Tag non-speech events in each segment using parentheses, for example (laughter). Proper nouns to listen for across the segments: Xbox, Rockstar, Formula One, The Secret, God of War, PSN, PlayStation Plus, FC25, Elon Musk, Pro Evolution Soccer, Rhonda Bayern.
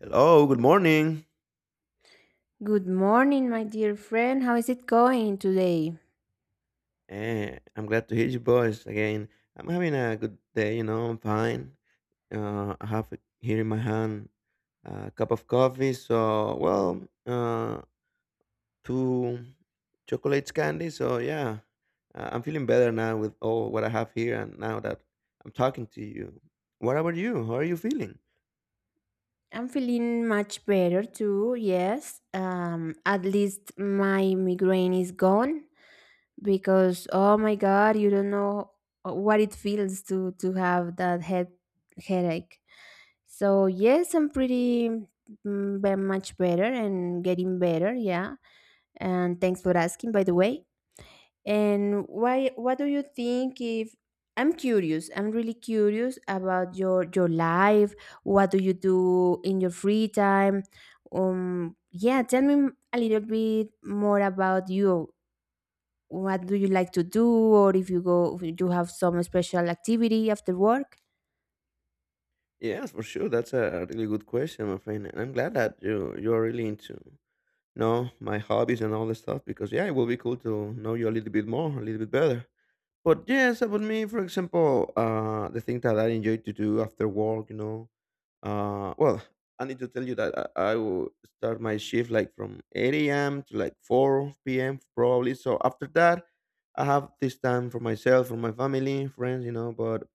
Hello, good morning. Good morning, my dear friend. How is it going today? I'm glad to hear your voice again. I'm having a good day. I'm fine. I have here in my hand a cup of coffee, so, well, two chocolates, candy, so yeah, I'm feeling better now with all what I have here and now that I'm talking to you. What about you? How are you feeling? I'm feeling much better too, yes. At least my migraine is gone because oh my god, you don't know what it feels to have that headache. So yes, I'm pretty much better and getting better, yeah. And thanks for asking, by the way. And why what do you think if I'm really curious about your life. What do you do in your free time? Yeah, Tell me a little bit more about you. What do you like to do, or if you go if you have some special activity after work? Yes, for sure. That's a really good question, my friend. And I'm glad that you're really into know my hobbies and all this stuff, because yeah, it will be cool to know you a little bit more, a little bit better. But yes, about me, for example, the thing that I enjoy to do after work, you know. Well, I need to tell you that I will start my shift like from 8 a.m. to like 4 p.m. probably. So after that, I have this time for myself, for my family, friends, you know. But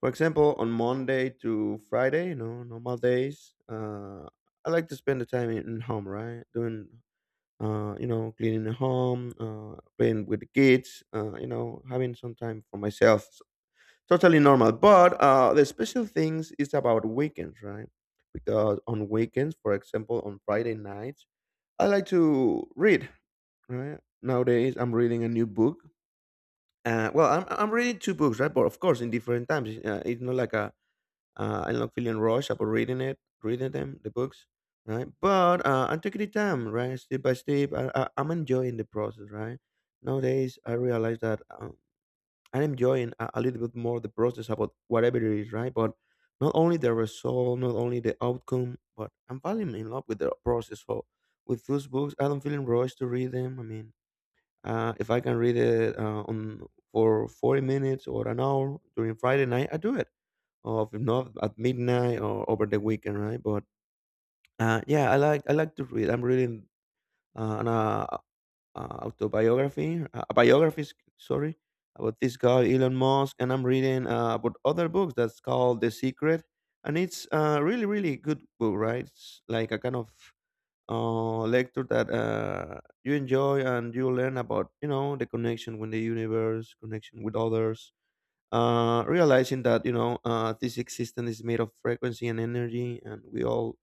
for example, on Monday to Friday, you know, normal days, I like to spend the time in home, right? Doing, cleaning the home, playing with the kids, having some time for myself. Totally normal. But the special things is about weekends, right? Because on weekends, for example, on Friday nights, I like to read, right? Nowadays, I'm reading a new book. Well, I'm reading two books, right? But of course, in different times. It's not like a I'm not feeling rushed about reading it, reading them, the books, right? But I'm taking the time, right? Step by step, I'm enjoying the process, right? Nowadays, I realize that I'm enjoying a little bit more the process about whatever it is, right? But not only the result, not only the outcome, but I'm falling in love with the process. So with those books, I don't feeling rushed to read them. I mean, if I can read it on for 40 minutes or an hour during Friday night, I do it of not at midnight or over the weekend, right? But yeah, I like to read. I'm reading uh, an uh, uh, a biography, sorry, about this guy Elon Musk, and I'm reading about other books that's called The Secret, and it's a really, really good book, right? It's like a kind of lecture that you enjoy and you learn about, you know, the connection with the universe, connection with others, realizing that, you know, this existence is made of frequency and energy, and we all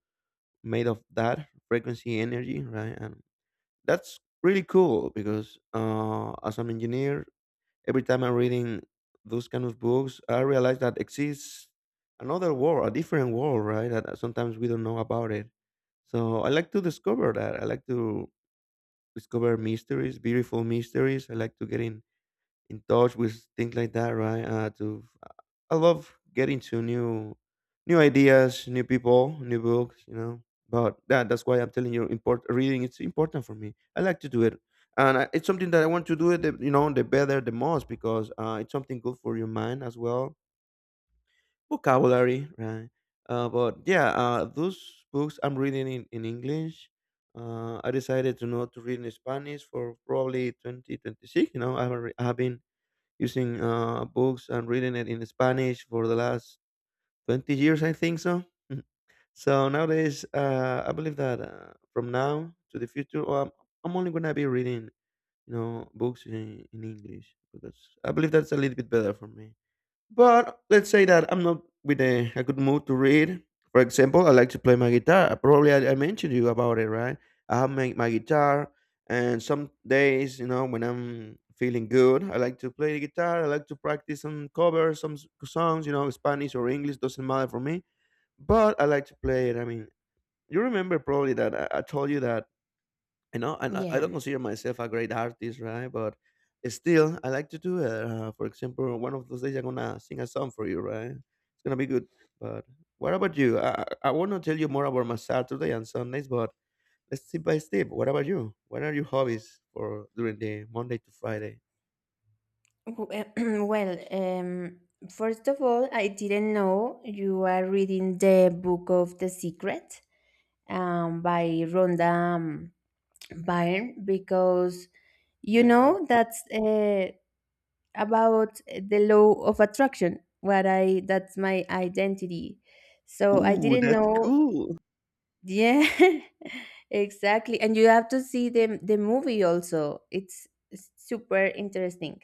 made of that frequency energy, right? And that's really cool, because as an engineer, every time I'm reading those kind of books, I realize that exists another world, a different world, right? That sometimes we don't know about it. So I like to discover that. I like to discover mysteries, beautiful mysteries. I like to get in touch with things like that, right? To I love getting to new ideas, new people, new books, you know. But that's why I'm telling you, import reading, it's important for me. I like to do it, and it's something that I want to do it. The better, the most, because it's something good for your mind as well. Vocabulary, right? But yeah, those books I'm reading in English. I decided to not to read in Spanish for probably 2026. You know, I haven't re- I have been using books and reading it in Spanish for the last 20 years, I think so. (laughs) So nowadays, I believe that from now to the future, oh, I'm only going to be reading, you know, books in English, because I believe that's a little bit better for me. But let's say that I'm not with a good mood to read. For example, I like to play my guitar. Probably I mentioned you about it, right? I have my guitar, and some days, you know, when I'm feeling good, I like to play the guitar. I like to practice and cover some songs, you know, Spanish or English, doesn't matter for me. But I like to play it. I mean, you remember probably that I told you that, you know. And I don't Yeah. consider myself a great artist, right? But still, I like to do it. For example, one of those days, I'm gonna sing a song for you, right? It's gonna be good. But what about you? I want to tell you more about my Saturday and Sundays, but let's step by step. What about you? What are your hobbies for during the Monday to Friday? W- (clears throat) Well, first of all, I didn't know you are reading the book of The Secret, by Rhonda Bayern, because you Yeah, that. know that's about the law of attraction, what I that's my identity, so I Ooh, didn't that's know. cool. Yeah. (laughs) Exactly, and you have to see the movie also. It's super interesting.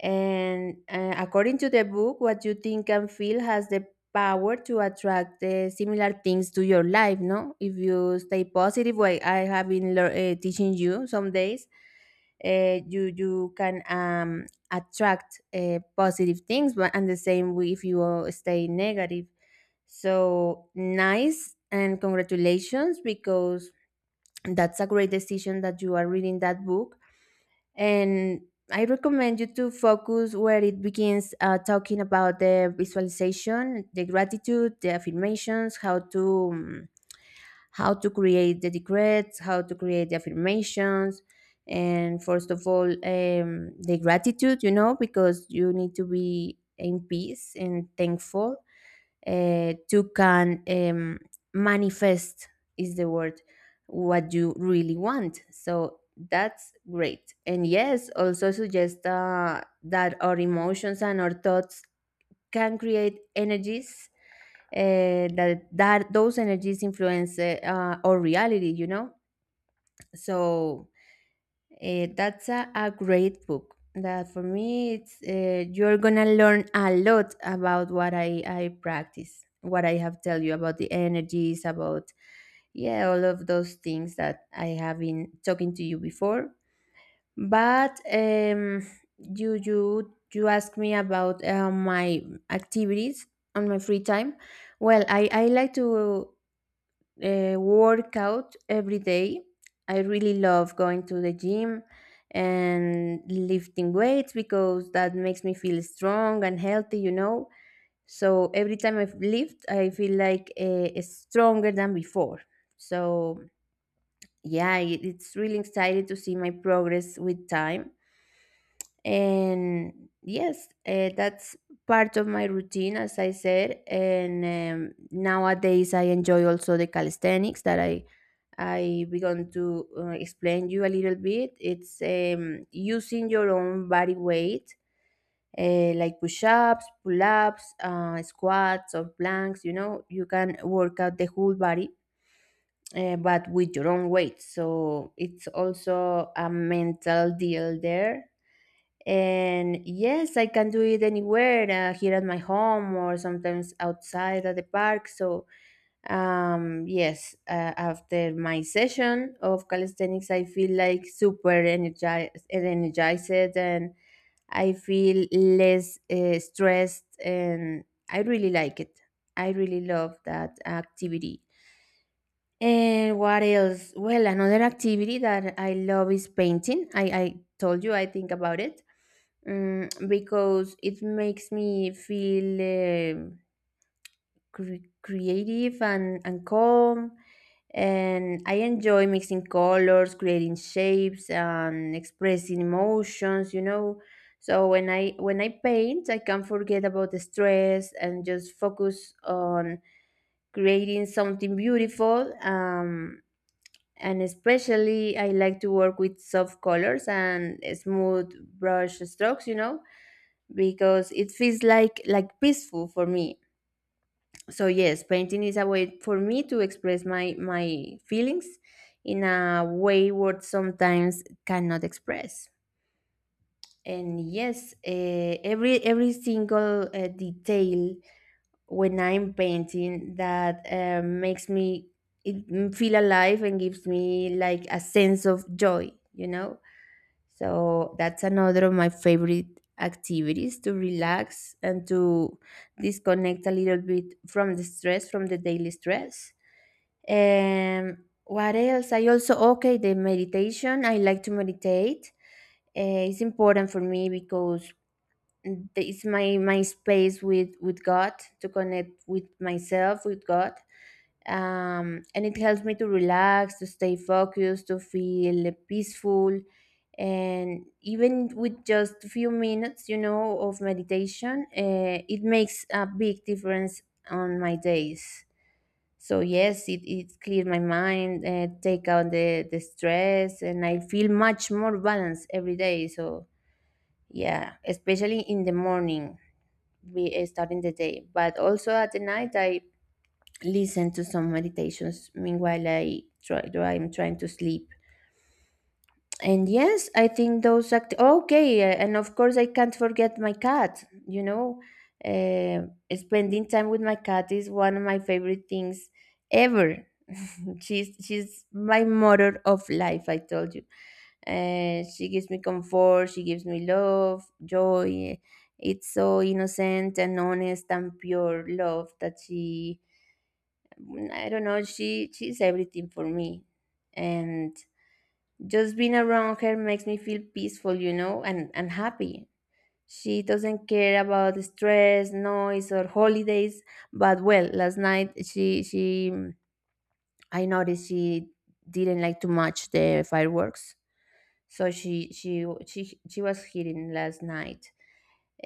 And according to the book, what you think and feel has the power to attract the similar things to your life. No, if you stay positive, like I have been teaching you some days, you can attract positive things. But, and the same way if you are stay negative. So nice, and congratulations because that's a great decision that you are reading that book. And I recommend you to focus where it begins talking about the visualization, the gratitude, the affirmations, how to create the decrets, how to create the affirmations, and first of all, the gratitude, you know, because you need to be in peace and thankful to can manifest is the word what you really want. So that's great. And yes, also suggest that our emotions and our thoughts can create energies, that those energies influence our reality, you know. So eh, that's a great book, that for me, it's you're gonna learn a lot about what I practice, what I have tell you about the energies, about yeah, all of those things that I have been talking to you before. But you asked me about my activities on my free time. Well, I like to work out every day. I really love going to the gym and lifting weights because that makes me feel strong and healthy, you know. So every time I lift, I feel like stronger than before. So yeah, it's really exciting to see my progress with time. And yes that's part of my routine, as I said. And nowadays I enjoy also the calisthenics that I began to explain you a little bit. It's using your own body weight, like push-ups, pull-ups, squats, or planks. You know, you can work out the whole body but with your own weight, so it's also a mental deal there. And yes, I can do it anywhere, here at my home or sometimes outside at the park. So yes, after my session of calisthenics, I feel like super energized, and I feel less stressed. And I really like it. I really love that activity. And what else? Well, another activity that I love is painting. I told you, I think, about it, because it makes me feel creative and and calm. And I enjoy mixing colors, creating shapes, and expressing emotions, you know. So when I paint, I can forget about the stress and just focus on creating something beautiful. And especially I like to work with soft colors and smooth brush strokes, you know, because it feels like peaceful for me. So yes, painting is a way for me to express my feelings in a way what sometimes cannot express. And yes, every single detail when I'm painting, that makes me feel alive and gives me like a sense of joy, you know. So that's another of my favorite activities, to relax and to disconnect a little bit from the stress, from the daily stress. What else? I also, okay, the meditation. I like to meditate. It's important for me because it's my space with God, to connect with myself, with God. And it helps me to relax, to stay focused, to feel peaceful. And even with just a few minutes, you know, of meditation, it makes a big difference on my days. So yes, it clears my mind, take out the stress, and I feel much more balanced every day. So yeah, especially in the morning, we starting the day, but also at the night, I listen to some meditations meanwhile I'm trying to sleep. And yes, I think those act okay. And of course, I can't forget my cat, you know. uh, Spending time with my cat is one of my favorite things ever. (laughs) She's my motor of life, I told you. She gives me comfort, she gives me love, joy. It's so innocent and honest and pure love that she I don't know. She's everything for me, and just being around her makes me feel peaceful, you know, and happy. She doesn't care about the stress, noise, or holidays. But well, last night she I noticed she didn't like too much the fireworks, so she was hitting last night.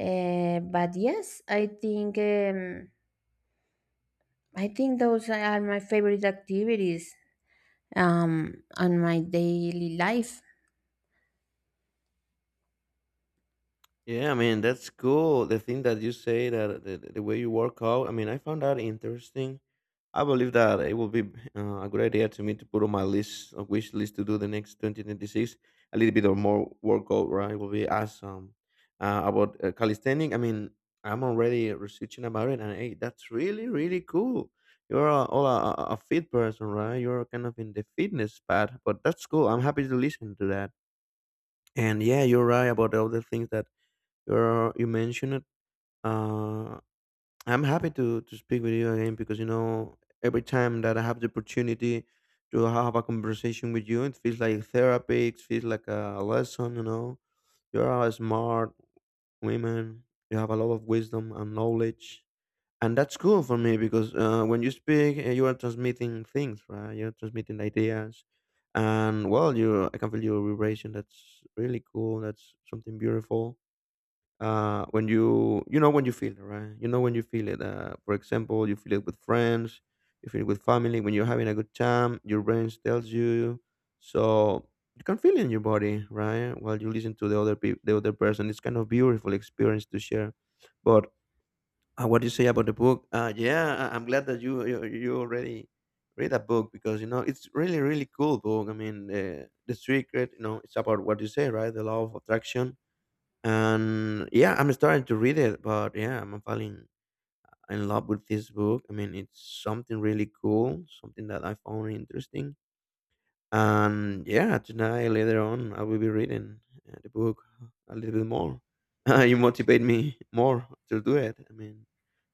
But yes, I think those are my favorite activities on my daily life. Yeah, I mean, that's cool. The thing that you say, that the way you work out, I mean, I found that interesting. I believe that it will be a good idea to me to put on my list, a wish list, to do the next 2026, a little bit of more workout, right? Will be awesome. About calisthenic, I mean, I'm already researching about it, and hey, that's really, really cool. You're a, all a fit person, right? You're kind of in the fitness path, but that's cool. I'm happy to listen to that. And yeah, you're right about all the things that you mentioned. Uh, I'm happy to speak with you again, because, you know, every time that I have the opportunity to have a conversation with you, it feels like therapy. It feels like a lesson. You know, you're a smart woman. You have a lot of wisdom and knowledge, and that's cool for me, because when you speak, you are transmitting things, right? You're transmitting ideas, and well, you I can feel your vibration. That's really cool. That's something beautiful when you know when you feel it, right? You know when you feel it. For example, you feel it with friends, you feel it with family. When you're having a good time, your brain tells you, so you can feel it in your body, right? While you listen to the other people, the other person. It's kind of beautiful experience to share. But what you say about the book? Yeah, I'm glad that you already read a book, because, you know, it's really, really cool book. I mean, The Secret, you know, it's about what you say, right? The law of attraction. And yeah, I'm starting to read it, but yeah, I'm falling in love with this book. I mean, it's something really cool, something that I found interesting. And yeah, tonight later on, I will be reading the book a little bit more. (laughs) You motivate me more to do it. I mean,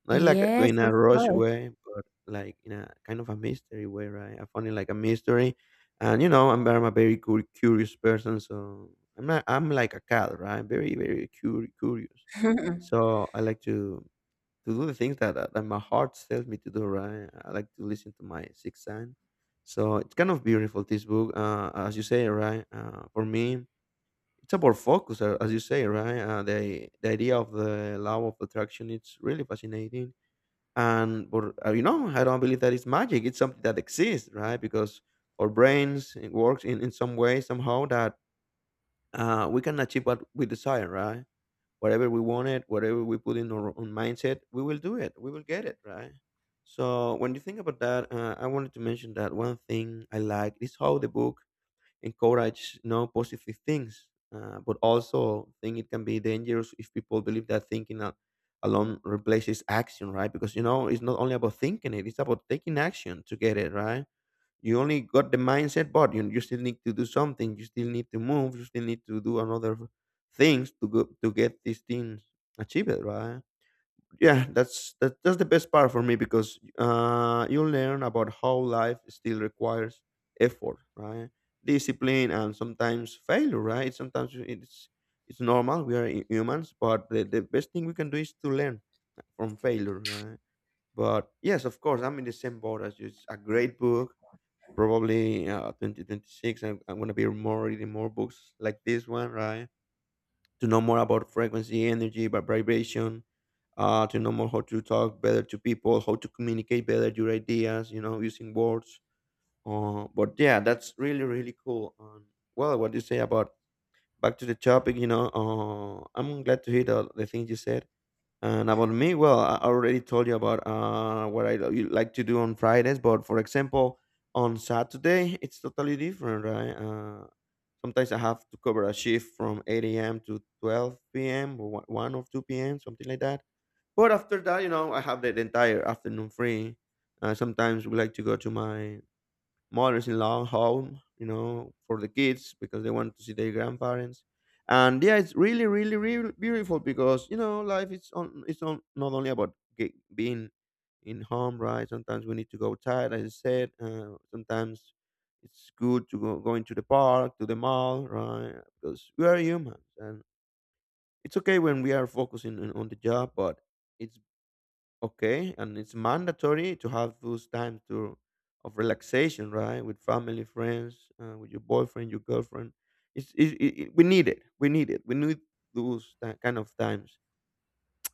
not like Yes, in a of rush course. way, but like in a kind of a mystery way, right? I found it like a mystery, and, you know, I'm a very curious person. So I'm not, I'm like a cat, right? Very, very curious. (laughs) So I like to do the things that my heart tells me to do, right? I like to listen to my sixth sense. So it's kind of beautiful this book, as you say, right? For me, it's about focus, as you say, right? The idea of the law of attraction it's really fascinating and but you know I don't believe that it's magic. It's something that exists, right? Because our brains, it works in some way somehow that we can achieve what we desire, right? Whatever we wanted, whatever we put in our own mindset, we will do it, we will get it, right? So when you think about that, I wanted to mention that one thing I like is how the book encourage no positive things, but also think it can be dangerous if people believe that alone replaces action, right? Because you know it's not only about thinking, it's about taking action to get it, right? You only got the mindset, but you still need to do something, you still need to move, you still need to do another things to go to get these things achieved, right? Yeah, that's the best part for me because you learn about how life still requires effort, right? Discipline and sometimes failure, right? Sometimes it's normal, we are humans, but the best thing we can do is to learn from failure, right? But yes, of course, I'm in the same boat as you. It's a great book. Probably 2026 I'm gonna be more reading more books like this one, right? To know more about frequency, energy, vibration, to know more how to talk better to people, how to communicate better your ideas, you know, using words. But yeah, that's really, really cool. Well, what you say about back to the topic, you know, I'm glad to hear the things you said. And about me, well, I already told you about what I like to do on Fridays, but for example, on Saturday, it's totally different, right? Sometimes I have to cover a shift from 8 a.m. to 12 p.m. or one 1 or 2 p.m., something like that. But after that, you know, I have the entire afternoon free. Sometimes we like to go to my mothers-in-law home, you know, for the kids because they want to see their grandparents. And yeah, it's really, really, really beautiful because you know life is on. It's on, not only about being in home, right? Sometimes we need to go outside, as I said. Sometimes it's good to go going to the park, to the mall, right? Because we are humans, and it's okay when we are focusing on the job, but it's okay, and it's mandatory to have those times to of relaxation, right? With family, friends, with your boyfriend, your girlfriend. It's it, it, it- We need it. We need it. We need those kind of times.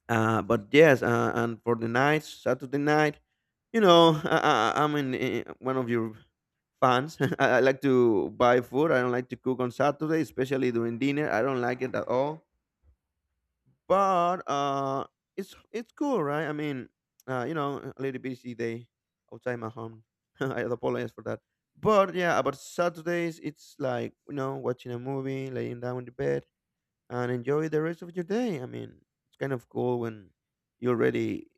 But yes, and for the nights, Saturday night, you know, (laughs) I'm in, one of your fans. (laughs) I like to buy food. I don't like to cook on Saturday, especially during dinner. I don't like it at all. But It's cool, right? I mean, you know, a little busy day outside my home. (laughs) I apologize for that. But yeah, about Saturdays, it's like you know, watching a movie, laying down in the bed, and enjoy the rest of your day. I mean, it's kind of cool when you already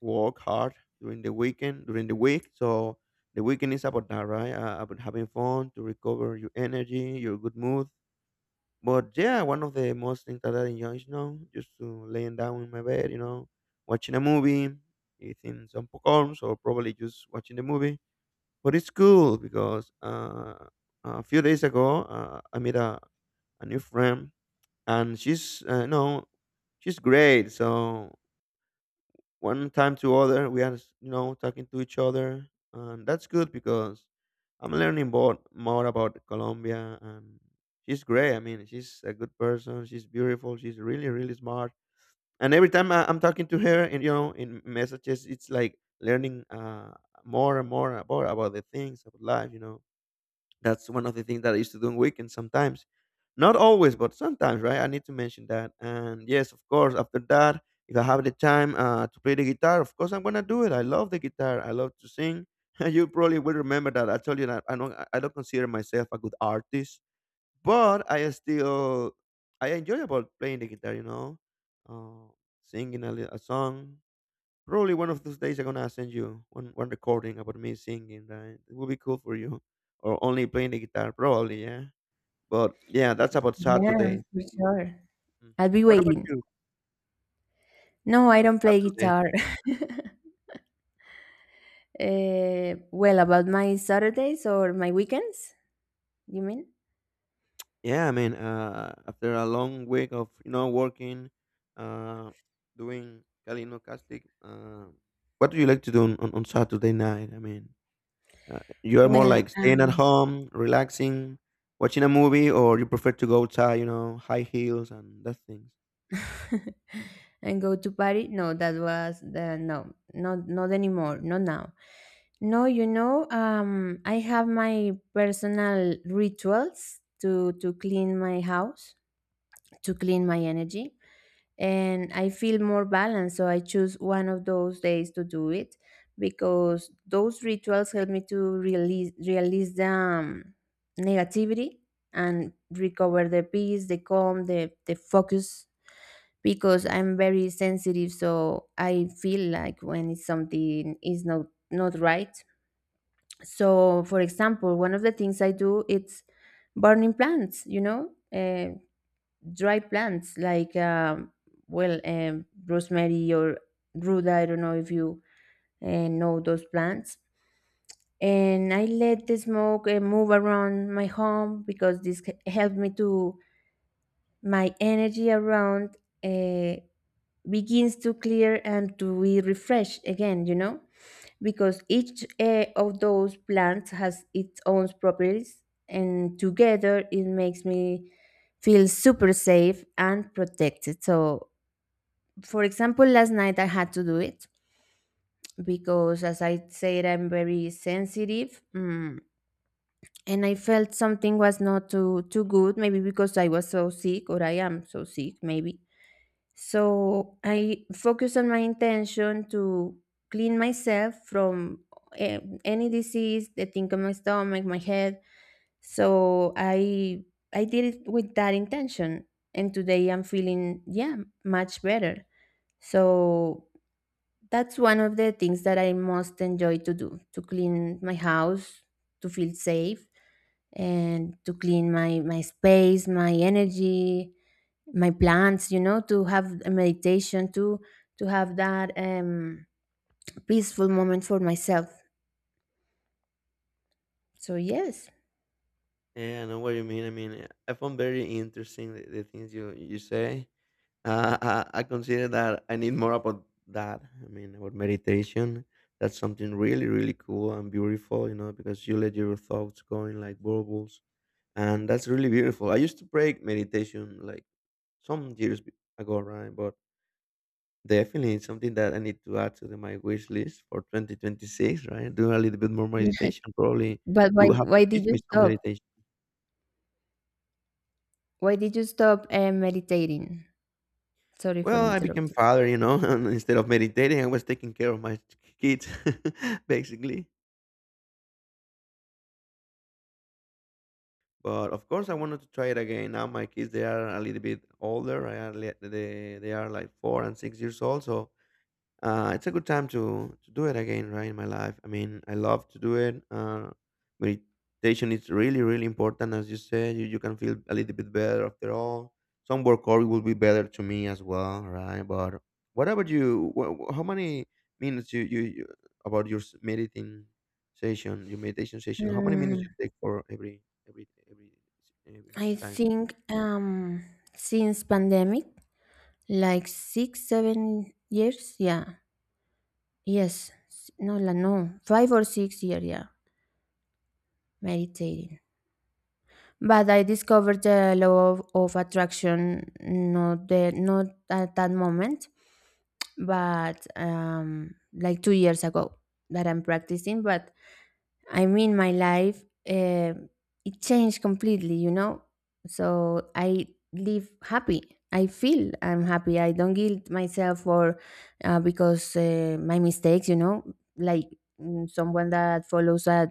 work hard during the weekend, during the week. So the weekend is about that, right? About having fun to recover your energy, your good mood. But yeah, one of the most things that I enjoy is, you know, just to laying down in my bed, you know, watching a movie, eating some popcorns, or probably just watching the movie. But it's cool because a few days ago I met a new friend, and she's no, she's great. So one time to other we are you know talking to each other, and that's good because I'm learning more, more about Colombia. And she's great. I mean, she's a good person, she's beautiful, she's really really smart. And every time I'm talking to her and you know in messages it's like learning more and more about the things of life, you know. That's one of the things that I used to do on weekends sometimes. Not always, but sometimes, right? I need to mention that. And yes, of course, after that, if I have the time to play the guitar, of course I'm gonna do it. I love the guitar. I love to sing. (laughs) You probably will remember that I told you that I don't consider myself a good artist, but I still I enjoy about playing the guitar. You know, uh, singing a song. Probably one of those days I'm gonna send you one recording about me singing. Right? It will be cool for you, or only playing the guitar. Probably, yeah. But yeah, that's about Yeah, Saturday. for sure. Mhm. I'll be What about waiting. you No, I on don't play Saturday? guitar. (laughs) Well, about my Saturdays or my weekends, you mean? Yeah, I mean, after a long week of you know working, uh, doing calinocastic, what do you like to do on Saturday night? I mean, you are more Well, like staying at home, relaxing, watching a movie, or you prefer to go outside, you know, high heels and that things. (laughs) and go to party? No, that was the no, not not anymore, not now. No, you know, I have my personal rituals to clean my house, to clean my energy, and I feel more balanced. So I choose one of those days to do it, because those rituals help me to release the negativity and recover the peace, the calm, the focus. Because I'm very sensitive, so I feel like when it's something is not not right. So, for example, one of the things I do, it's burning plants. You know, uh, dry plants like rosemary or ruda. I don't know if you know those plants. And I let the smoke move around my home because helped me to my energy around uh, begins to clear and to be refreshed again, you know, because each of those plants has its own properties, and together it makes me feel super safe and protected. So, for example, last night I had to do it because, as I said, I'm very sensitive, mm, and I felt something was not too too good. Maybe because I was so sick, or I am so sick, maybe. So I focus on my intention to clean myself from eh, any disease, the thing on my stomach, my head. So I did it with that intention, and today I'm feeling, yeah, much better. So that's one of the things that I most enjoy to do, to clean my house, to feel safe, and to clean my space, my energy, my plants, you know, to have a meditation, to have that peaceful moment for myself. So, yes. Yeah, I know what you mean. I mean, I found very interesting the things you you say. I consider that I need more about that. I mean, about meditation. That's something really, really cool and beautiful, you know, because you let your thoughts going like bubbles, and that's really beautiful. I used to break meditation like some years be- ago, right? But definitely it's something that I need to add to my wish list for 2026, right? Do a little bit more (laughs) meditation. Probably But you will have to why did teach me you some stop? meditation. Why did you stop meditating? Sorry for Well, I became interrupting. father, you know, (laughs) and instead of meditating, I was taking care of my (laughs) kids, (laughs) basically. But of course, I wanted to try it again. Now my kids, they are a little bit older. They are like 4 and 6 years old, so it's a good time to do it again, right? In my life, I mean, I love to do it. Meditation is really, really important, as you said. You can feel a little bit better after all. Some workout will be better to me as well, right? But what about you? How many minutes you about your meditating session, your meditation session? How many minutes Mm, you take for every every every I time? think since pandemic, like six, 7 years? Yeah. Yes. S- No, la- no. 5 or 6 years, yeah. Meditating. But I discovered the law of attraction, not the not at that moment, but like 2 years ago that I'm practicing. But I mean, my life uh, it changed completely, you know. So I live happy. I feel I'm happy. I don't guilt myself for because my mistakes, you know, like mm, someone that follows a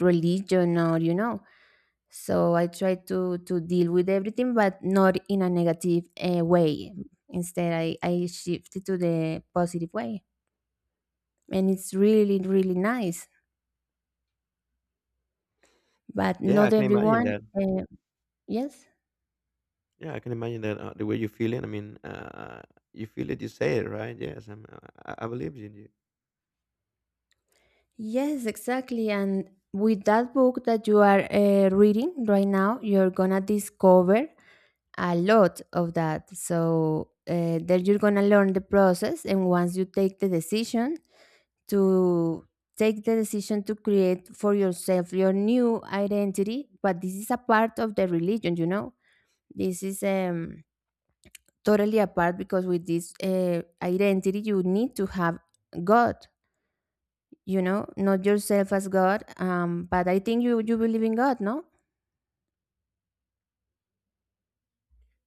religion or you know. So I try to deal with everything, but not in a negative way. Instead, I shift it to the positive way, and it's really really nice. But Yeah, I not can imagine everyone. that. Uh, yes, Yeah, I can imagine that the way you feel it. I mean, you feel it, you say it, right? I believe in you. yes, exactly. And with that book that you are reading right now, you're gonna discover a lot of that. So there you're gonna learn the process. And once you take the decision to create for yourself your new identity, but this is a part of the religion, you know. This is totally apart, because with this identity you need to have God, you know, not yourself as god. But I think you believe in god, no?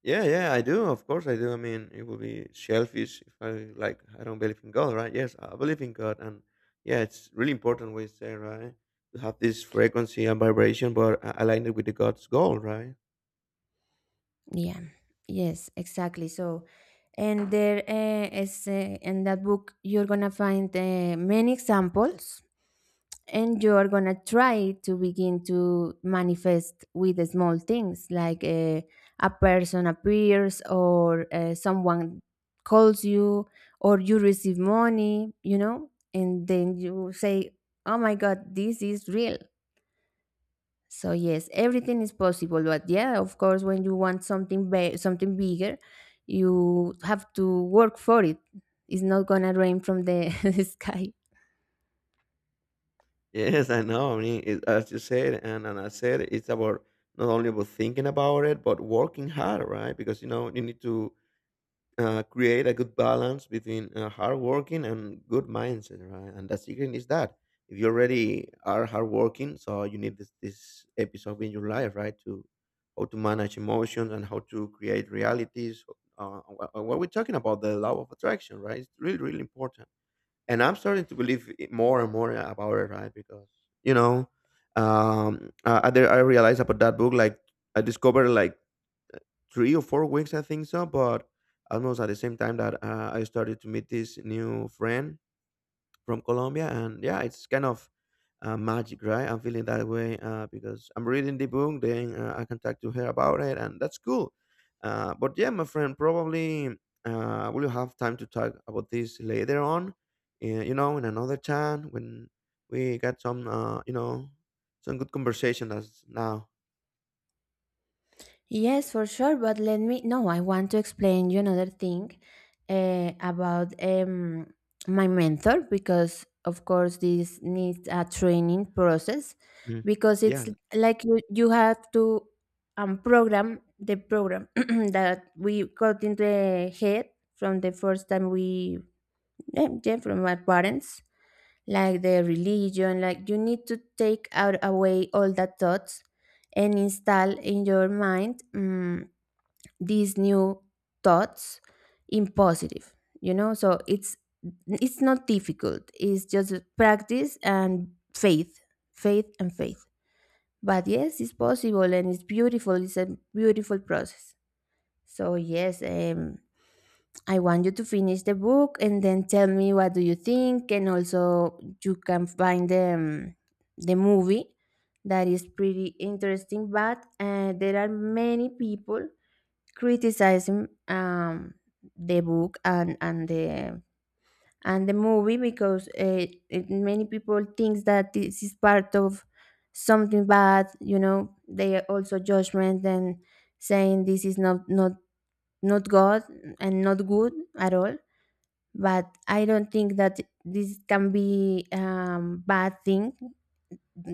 Yeah, yeah, I do. Of course, I do. I mean, it would be selfish if I like I don't believe in God, right? Yes, I believe in God, and yeah, it's really important what you say, right? To have this frequency and vibration, but align it with the God's goal, right? (laughs) Yeah. Yes, exactly. So, and there is in that book you're gonna find many examples, and you're gonna try to begin to manifest with the small things, like a person appears, or someone calls you, or you receive money, you know, and then you say, oh my god, this is real. So yes, everything is possible. But yeah, of course, when you want something something bigger, you have to work for it. It's not gonna rain from the (laughs) sky. Yes, I know. I mean, it, as you said, and I said, it's about not only about thinking about it, but working hard, right? Because you know you need to create a good balance between hardworking and good mindset, right? And the secret is that if you already are hardworking, so you need this episode in your life, right? To how to manage emotions and how to create realities. What we're talking about, the law of attraction, right? It's really, really important. And I'm starting to believe it more and more about it, right? Because you know, I realized about that book, like I discovered like 3 or 4 weeks, I think so. But almost at the same time that I started to meet this new friend from Colombia, and yeah, it's kind of magic, right? I'm feeling that way because I'm reading the book, then I can talk to her about it, and that's cool. But yeah, my friend, probably we'll have time to talk about this later on. You know, in another time when we got some, you know, some good conversation as now. Yes, for sure. But let me no, I want to explain you another thing about my mentor, because of course, this needs a training process, Mm. because Yeah, it's like you have to program the program (clears throat) that we got into the head from the first time we, yeah, from our parents, like the religion, like you need to take out away all the thoughts and install in your mind, these new thoughts in positive, you know. So it's not difficult, it's just practice and faith, faith and faith. But yes, it's possible, and it's beautiful. It's a beautiful process. So yes, I want you to finish the book and then tell me what do you think. And also you can find the movie, that is pretty interesting. But there are many people criticizing the book and the movie, because many people thinks that this is part of something bad, you know. They are also judgment and saying this is not not god and not good at all. But I don't think that this can be bad thing,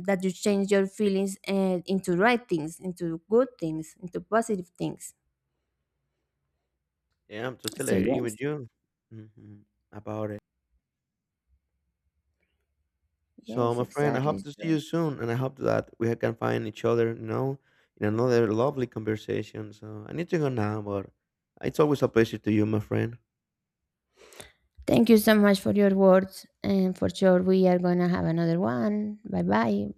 that you change your feelings into right things, into good things, into positive things. yeah, I'm totally So agreeing with yes, you hmm about it. So, yes, my friend, I exactly. hope to see you So soon, and I hope that we can find each other, you know, in another lovely conversation. So, I need to go now, but it's always a pleasure to you, my friend. thank you so much for your words. And for sure, we are going to have another one. Bye bye.